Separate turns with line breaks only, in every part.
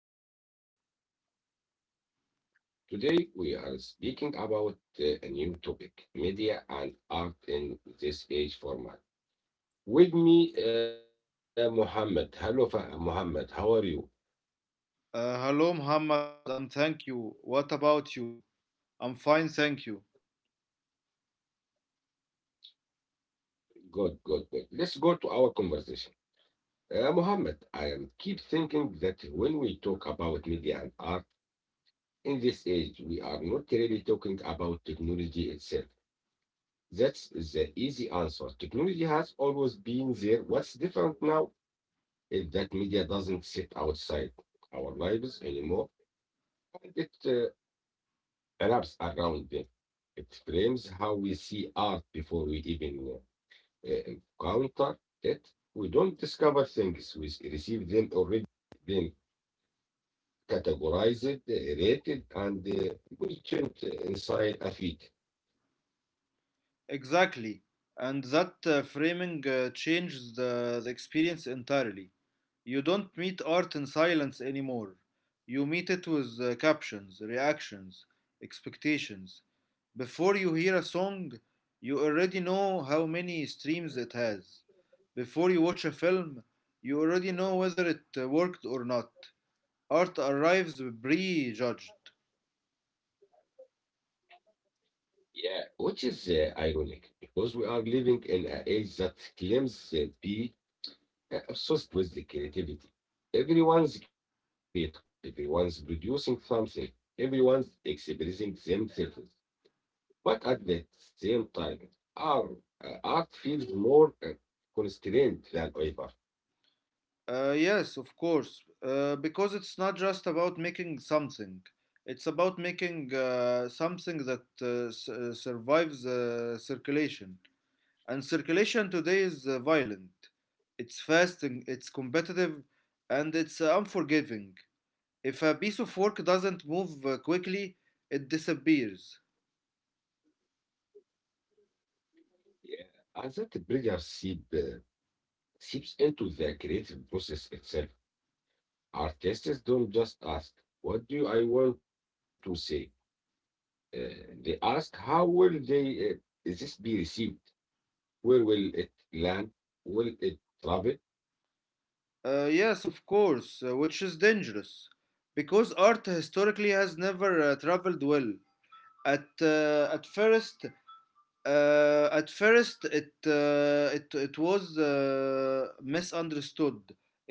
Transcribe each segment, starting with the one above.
welcome to everyone. Today we are speaking about a new topic, media and art in this age format. With me, Mohammed. Hello, Mohammed. How are you?
Hello, Muhammad. I'm thank you. What about you? I'm fine, thank you.
Good, good, good. Let's go to our conversation. Mohammed, I am keep thinking that when we talk about media and art in this age, we are not really talking about technology itself. That's the easy answer. Technology has always been there. What's different now if that media doesn't sit outside our lives anymore, and it wraps around them. It frames how we see art before we even uh, encounter it. We don't discover things, we receive them already. Then categorized, rated, and positioned inside a feed.
Exactly. And that framing changes the experience entirely. You don't meet art in silence anymore. You meet it with captions, reactions, expectations. Before you hear a song, you already know how many streams it has. Before you watch a film, you already know whether it worked or not. Art arrives prejudged.
Yeah, which is ironic because we are living in an age that claims to be obsessed with the creativity. Everyone's creative, everyone's producing something, everyone's expressing themselves. But at the same time, our art feels more constrained than ever.
Yes, of course. Because it's not just about making something, it's about making something that survives circulation. And circulation today is violent. It's fast, and it's competitive, and it's unforgiving. If a piece of work doesn't move quickly, it disappears.
Yeah. And that pressure seeps into the creative process itself. Artists don't just ask, what do I want to say? They ask, how will is this be received? Where will it land? Will it travel?
Yes, of course, which is dangerous. Because art historically has never traveled well. At, uh, at first, at first, it, it, it was misunderstood,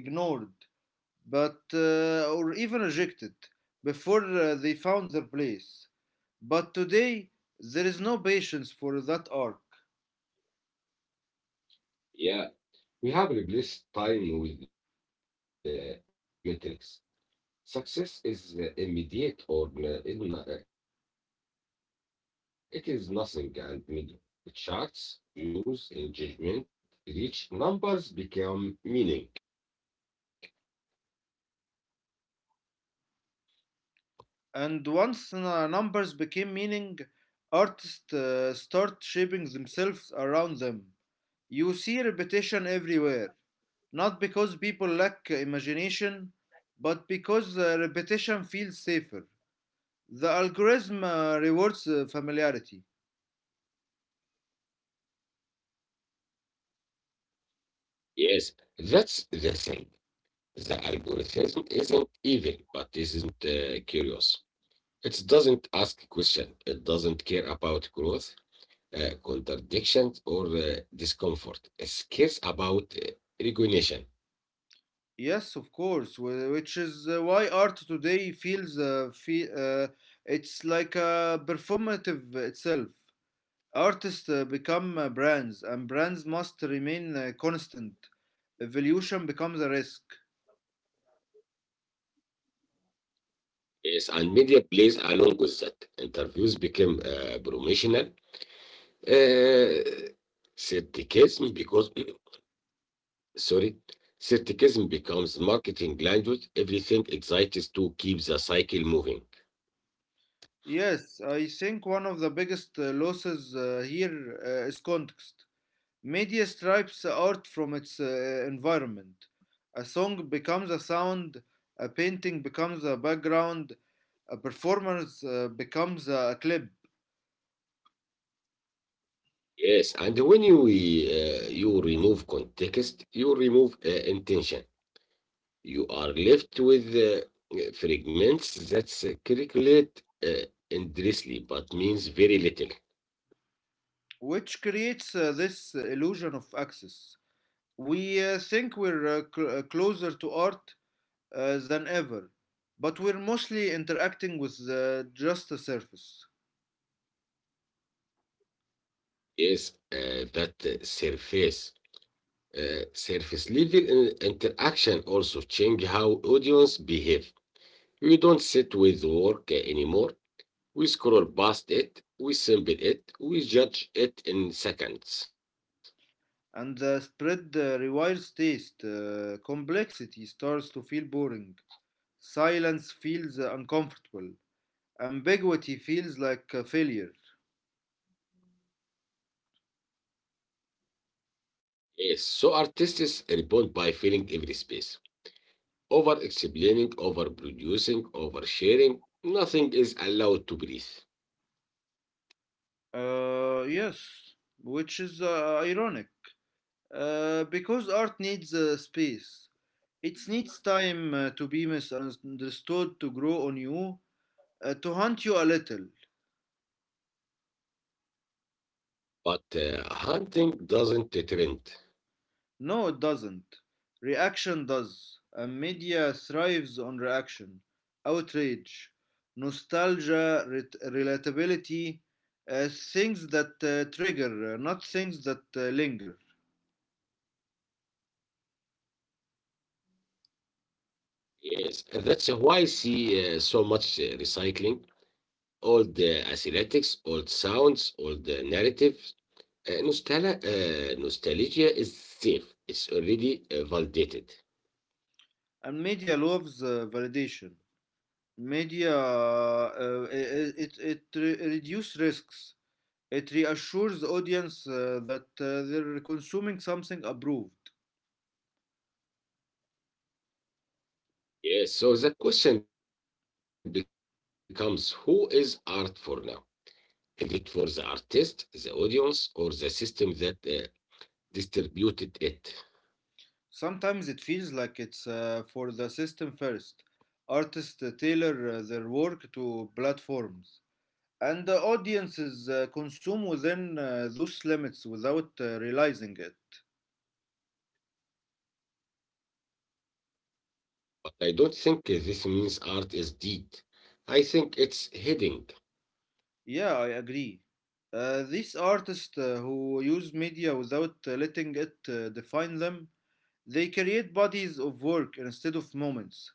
ignored, but or even rejected before they found their place. But today, there is no patience for that arc.
Yeah. We have replaced time with metrics. Success is immediate or it is nothing, and media reinforces that constantly. Charts, views, engagement, reach, numbers become meaning.
And once numbers became meaning, artists start shaping themselves around them. You see repetition everywhere, not because people lack imagination, but because repetition feels safer. The algorithm rewards familiarity.
Yes, that's the thing. The algorithm isn't evil, but isn't curious. It doesn't ask question. It doesn't care about growth, contradictions, or discomfort. It cares about recognition.
Yes, of course, which is why art today feels it's like a performative itself. Artists become brands, and brands must remain constant. Evolution becomes a risk.
Yes, and media plays along with that. Interviews became promotional uh, skepticism because, sorry, skepticism becomes marketing language. Everything excites to keep the cycle moving.
Yes, I think one of the biggest losses here is context. Media strips art from its environment. A song becomes a sound, a painting becomes a background, a performance becomes a clip,
Yes, and when you remove context, you remove intention. You are left with fragments that circulate endlessly but means very little.
which creates this illusion of access. We think we're closer to art than ever, but we're mostly interacting with just the surface.
Yes, that surface level interaction also change how audience behave. We don't sit with work anymore. We scroll past it. We sample it. We judge it in seconds.
And the spread requires taste. Complexity starts to feel boring. Silence feels uncomfortable. Ambiguity feels like a failure.
Yes, so artists respond by filling every space. Over explaining, over producing, over sharing, nothing is allowed to breathe.
Yes, which is ironic. Because art needs space. It needs time to be misunderstood, to grow on you, to haunt you a little.
But hunting doesn't trend.
No, it doesn't. Reaction does. And media thrives on reaction, outrage, nostalgia, relatability, things that trigger, not things that linger.
Yes, and that's why I see so much recycling, all the aesthetics, old sounds, all the narratives. Nostalgia is safe, it's already validated.
And media loves validation. Media reduces risks. It reassures the audience that they're consuming something approved.
Yes, so the question becomes, who is art for now? Is it for the artist, the audience, or the system that distributed it?
Sometimes it feels like it's for the system first. Artists tailor their work to platforms, and the audiences consume within those limits without realizing it.
But I don't think this means art is dead. I think it's heading.
Yeah, I agree. These artists who use media without letting it define them, they create bodies of work instead of moments.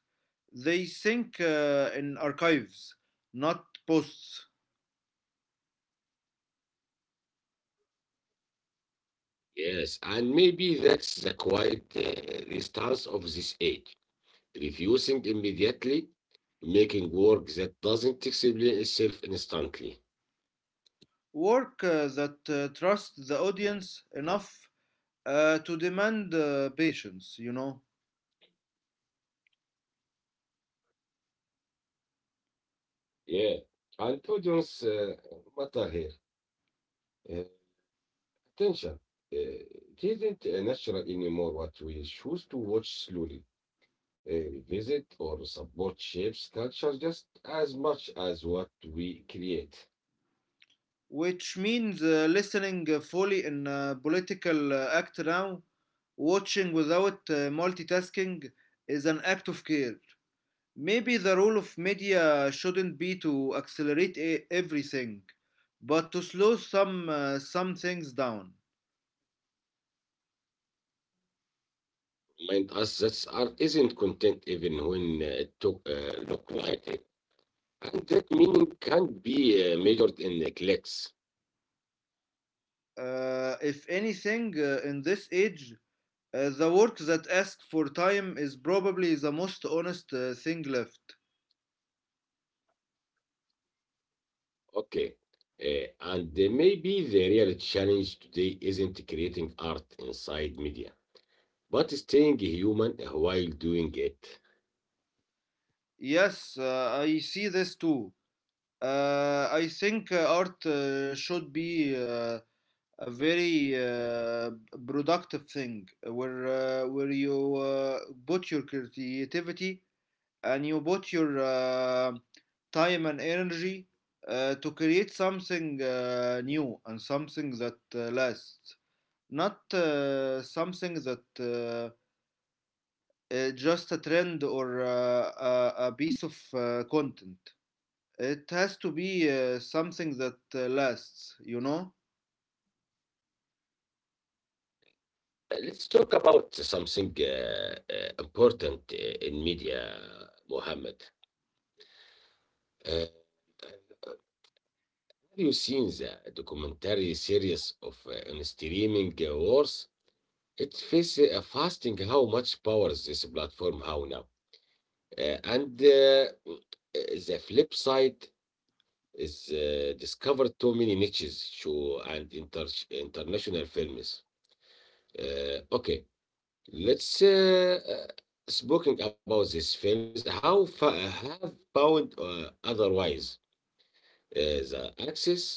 They think in archives, not posts.
Yes, and maybe that's the quiet resistance of this age, refusing immediately, making work that doesn't explain itself instantly.
Work that trusts the audience enough to demand patience, you know,
Yeah, and audience matter here. Uh, Tension. uh, didn't natural anymore, what we choose to watch slowly, visit, or support shapes culture just as much as what we create.
which means listening fully in political act now, watching without multitasking is an act of care. Maybe the role of media shouldn't be to accelerate everything, but to slow some things down.
Remind us that art isn't content even when it look like it. And that meaning can't be measured in clicks.
If anything, in this age, the work that asks for time is probably the most honest thing left.
Okay. Uh, and maybe the real challenge today isn't creating art inside media, but staying human while doing it.
Yes, I see this too. I think art should be a very productive thing where you put your creativity and you put your time and energy to create something new and something that lasts, not something that uh, just a trend or a piece of content. It has to be something that lasts, you know?
Let's talk about something important in media, Mohammed. Uh, have you seen the documentary series of on streaming wars? It faces a fasting how much powers this platform how now. And the flip side is discovered too many niches show and international films. Okay, let's speaking about these films. How fa have found otherwise the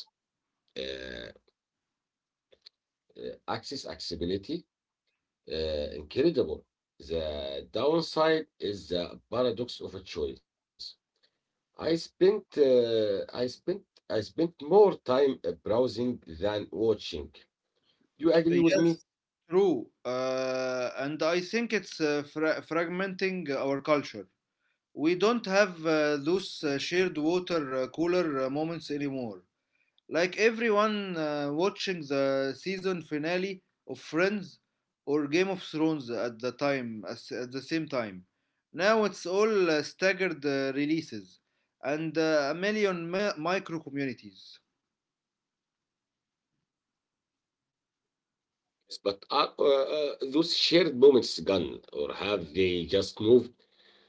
uh, accessibility. Incredible. The downside is the paradox of a choice. I spent, uh, I spent, I spent more time browsing than watching. Do you agree with me?
Yes, true. And I think it's fragmenting our culture. We don't have those shared water cooler moments anymore. Like everyone watching the season finale of Friends or Game of Thrones at the same time. Now it's all staggered releases and a million micro communities.
Yes, but are those shared moments gone, or have they just moved?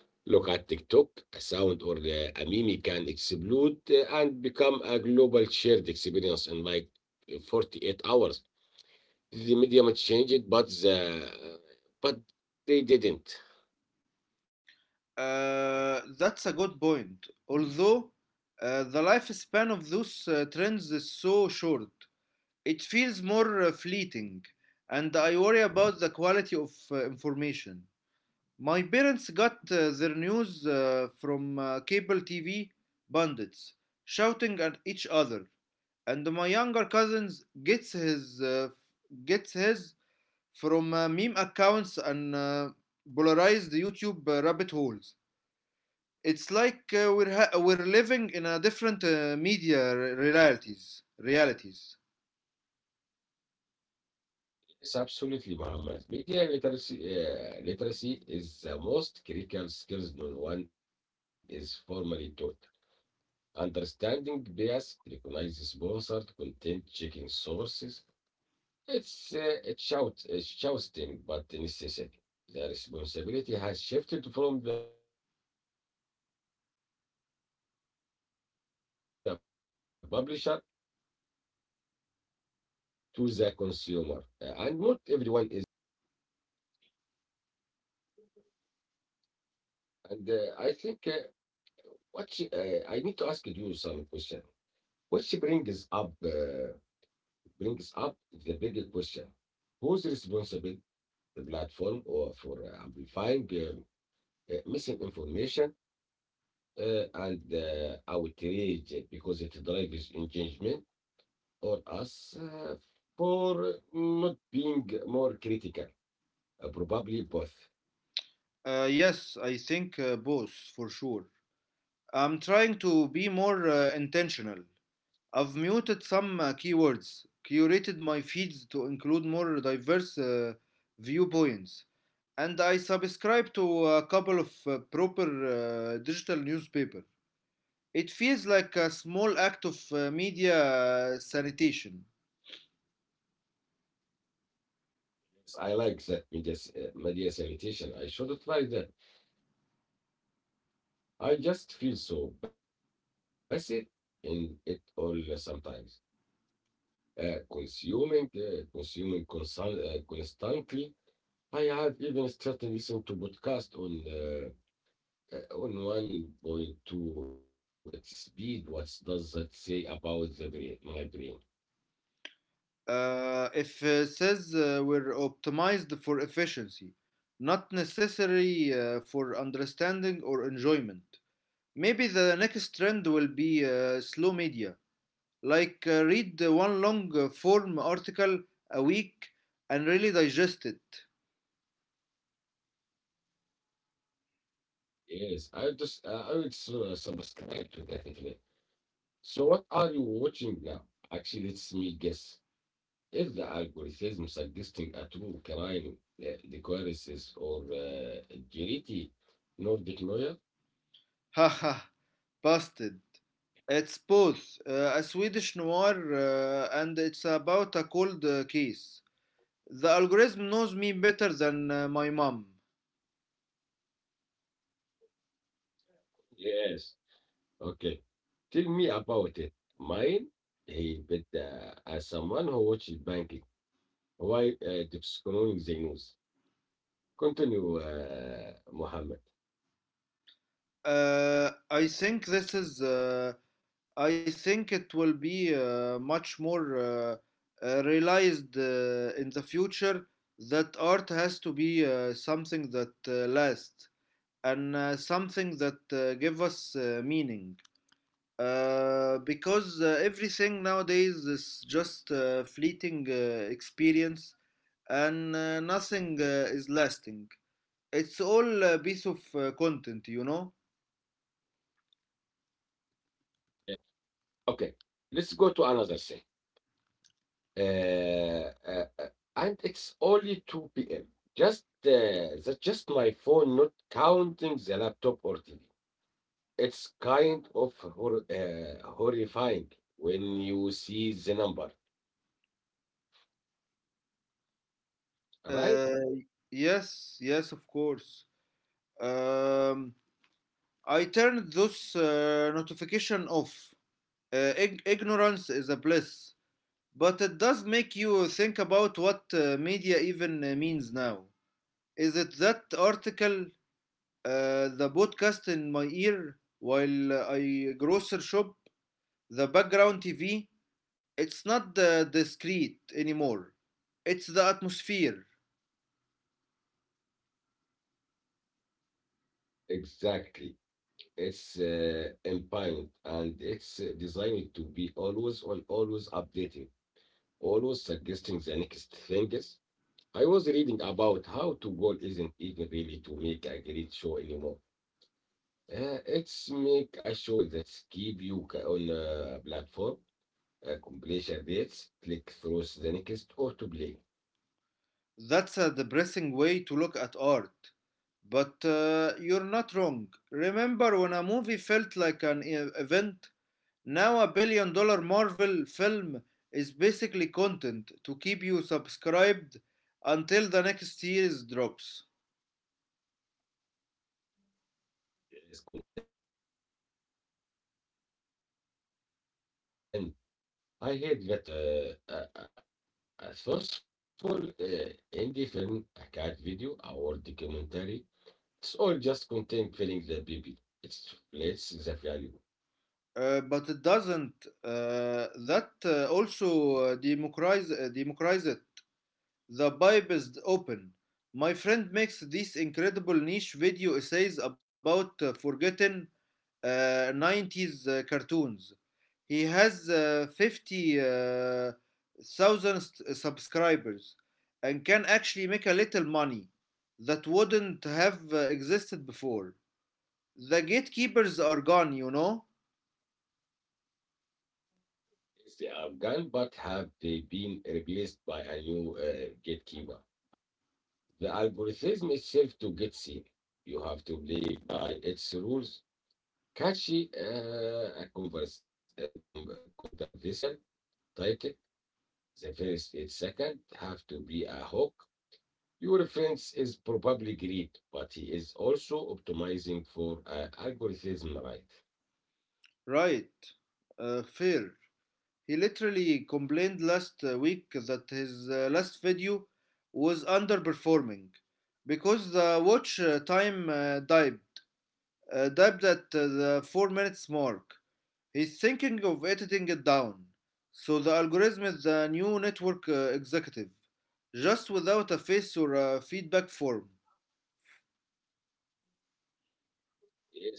Look at TikTok. A sound or a meme can explode and become a global shared experience in like 48 hours. The media might change it, but but they didn't.
That's a good point. Although the lifespan of those trends is so short, it feels more fleeting, and I worry about the quality of information. My parents got their news from cable TV bandits shouting at each other, and my younger cousins gets his from meme accounts and polarized YouTube rabbit holes. It's like we're ha- we're living in a different realities.
Yes, absolutely, Muhammad. Media literacy is the most critical skills no one is formally taught. Understanding bias, recognizing sponsored content, checking sources, it's shouting, but necessary. The responsibility has shifted from the publisher to the consumer, and not everyone is equipped for that. And I think I need to ask you some question. What Which brings up the bigger question: Who's responsible, the platform, or for amplifying misinformation? And outrage because it drives engagement, or us, for not being more critical. Probably both.
Yes, I think both for sure. I'm trying to be more intentional. I've muted some keywords, curated my feeds to include more diverse viewpoints, and I subscribe to a couple of proper digital newspaper. It feels like a small act of media sanitation.
Yes. I like that, media, sanitation. I should try that. I just feel so basic in it all sometimes. Consuming constantly. I have even started listening to podcast on 1.2, its speed. What does that say about the brain, my brain?
If says were optimized for efficiency, not necessary for understanding or enjoyment. Maybe the next trend will be slow media, like read one long form article a week, and really digest it.
Yes, I would subscribe to that internet. So what are you watching now? Actually, let's me guess. If the algorithm suggesting a true crime requires is or guilty, not denial?
Haha, busted. It's both a Swedish noir and it's about a cold case. The algorithm knows me better than my mom.
Yes. Okay. Tell me about it. Mine, he bet as someone who watches banking. Why deepseek they news? Continue, Mohammed.
I think this is. I think it will be much more realized in the future that art has to be something that lasts, and something that give us meaning, because everything nowadays is just fleeting experience, and nothing is lasting, it's all a piece of content, you know.
Yeah. Okay. Let's go to another thing. Uh, uh, uh, and it's only 2 p.m. Just that's just my phone, not counting the laptop or TV. It's kind of horrifying when you see the number, right?
uh, yes, yes, of course. um, I turned those notification off. Ignorance is a bliss, but it does make you think about what media even means now. Is it that article, the podcast in my ear while I grocery shop, the background TV? It's not the discreet anymore. It's the atmosphere.
Exactly. It's impound, and it's designed to be always on, always updating. Always suggesting the next things. I was reading about how to goal isn't even really to make a great show anymore. It's make a show that keep you on a platform, completion rates, click through the next or to play.
That's a depressing way to look at art. But you're not wrong. Remember when a movie felt like an event? Now a billion dollar Marvel film is basically content to keep you subscribed until the next series drops.
It's content. I hate that word. It turns everything into a commodity. Uh, a, a thoughtful indie film, a cat video, a word documentary. It's all just content filling the baby. It replaces the value.
But it doesn't. That also democratize it. The pipe is open. My friend makes these incredible niche video essays about forgotten 90s cartoons. He has 50,000 subscribers and can actually make a little money that wouldn't have existed before. The gatekeepers are gone, you know?
It's the Afghan, but have they been replaced by a new gatekeeper? The algorithm itself. To get seen, you have to play by its rules. Catchy, a converse, a con- controversial title. The first and second have to be a hook. Your friends is probably great, but he is also optimizing for algorithm, right?
Right. Fair. He literally complained last week that his last video was underperforming because the watch time dived died at the 4 minutes mark. He's thinking of editing it down. So the algorithm is the new network executive, just without a face or a feedback form.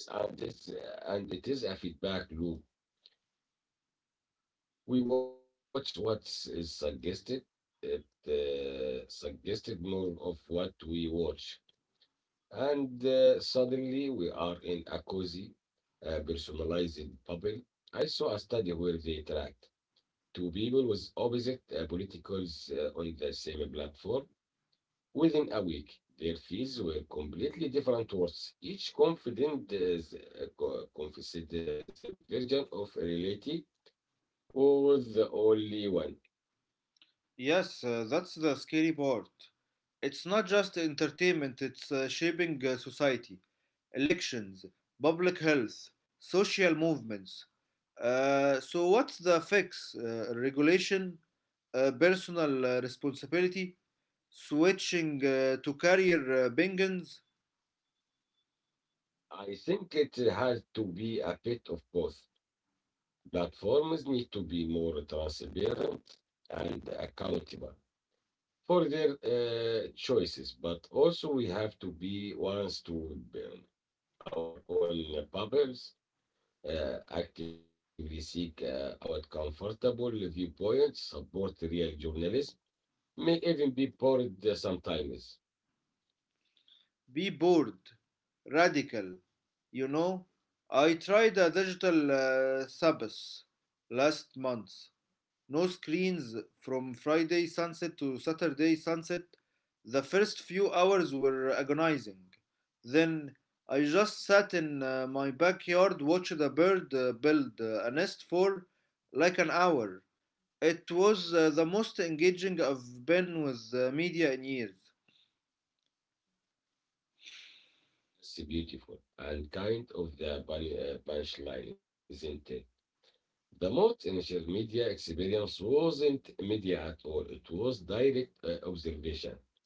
Yes, and this and it is a feedback loop. We watch what is suggested. It suggested more of what we watch, and suddenly we are in a cozy, personalized bubble. I saw a study where they tracked two people with opposite politicals on the same platform. Within a week, their fees were completely different words. Each confident, confessed their version of reality was the only one.
Yes, that's the scary part. It's not just entertainment, it's shaping society, elections, public health, social movements. So, what's the fix? Regulation, personal responsibility, switching to career bingans,
I think it has to be a bit of both. Platforms need to be more transparent and accountable for their choices, but also we have to be ones to build our own bubbles, actively seek out comfortable viewpoints, support real journalism, may even be bored sometimes.
be bored, radical. You know, I tried a digital Sabbath last month. No screens from Friday sunset to Saturday sunset. The first few hours were agonizing. Then I just sat in my backyard, watched a bird build a nest for like an hour. It was the most engaging I've been with media in years.
It's beautiful and kind of the punchline, isn't it? The most initial media experience wasn't media at all. It was direct observation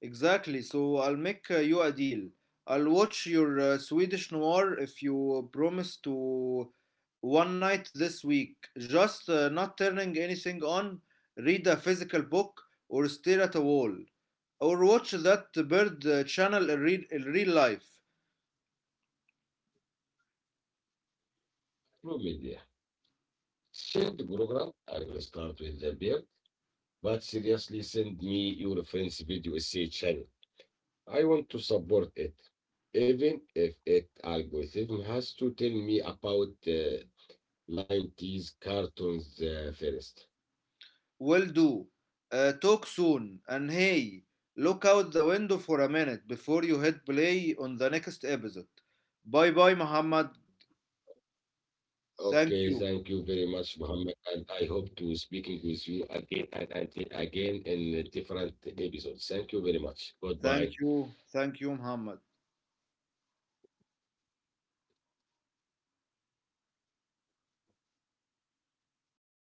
Exactly. So I'll make you a deal. I'll watch your Swedish noir if you promise to one night this week. Just not turning anything on, read a physical book, or stare at a wall. Or watch that bird channel in real life.
through media. Shared program, I will start with the beer, but seriously, send me your friend's video essay channel. I want to support it, even if it algorithm has to tell me about 90s cartoons first.
Will do. Talk soon. And hey, look out the window for a minute before you hit play on the next episode. Bye bye, Muhammad. Thank you.
Okay, thank you very much, Muhammad, and I hope to speaking with you again and again in different episodes. Thank you very much.
Thank
Goodbye.
you. Thank you, Muhammad.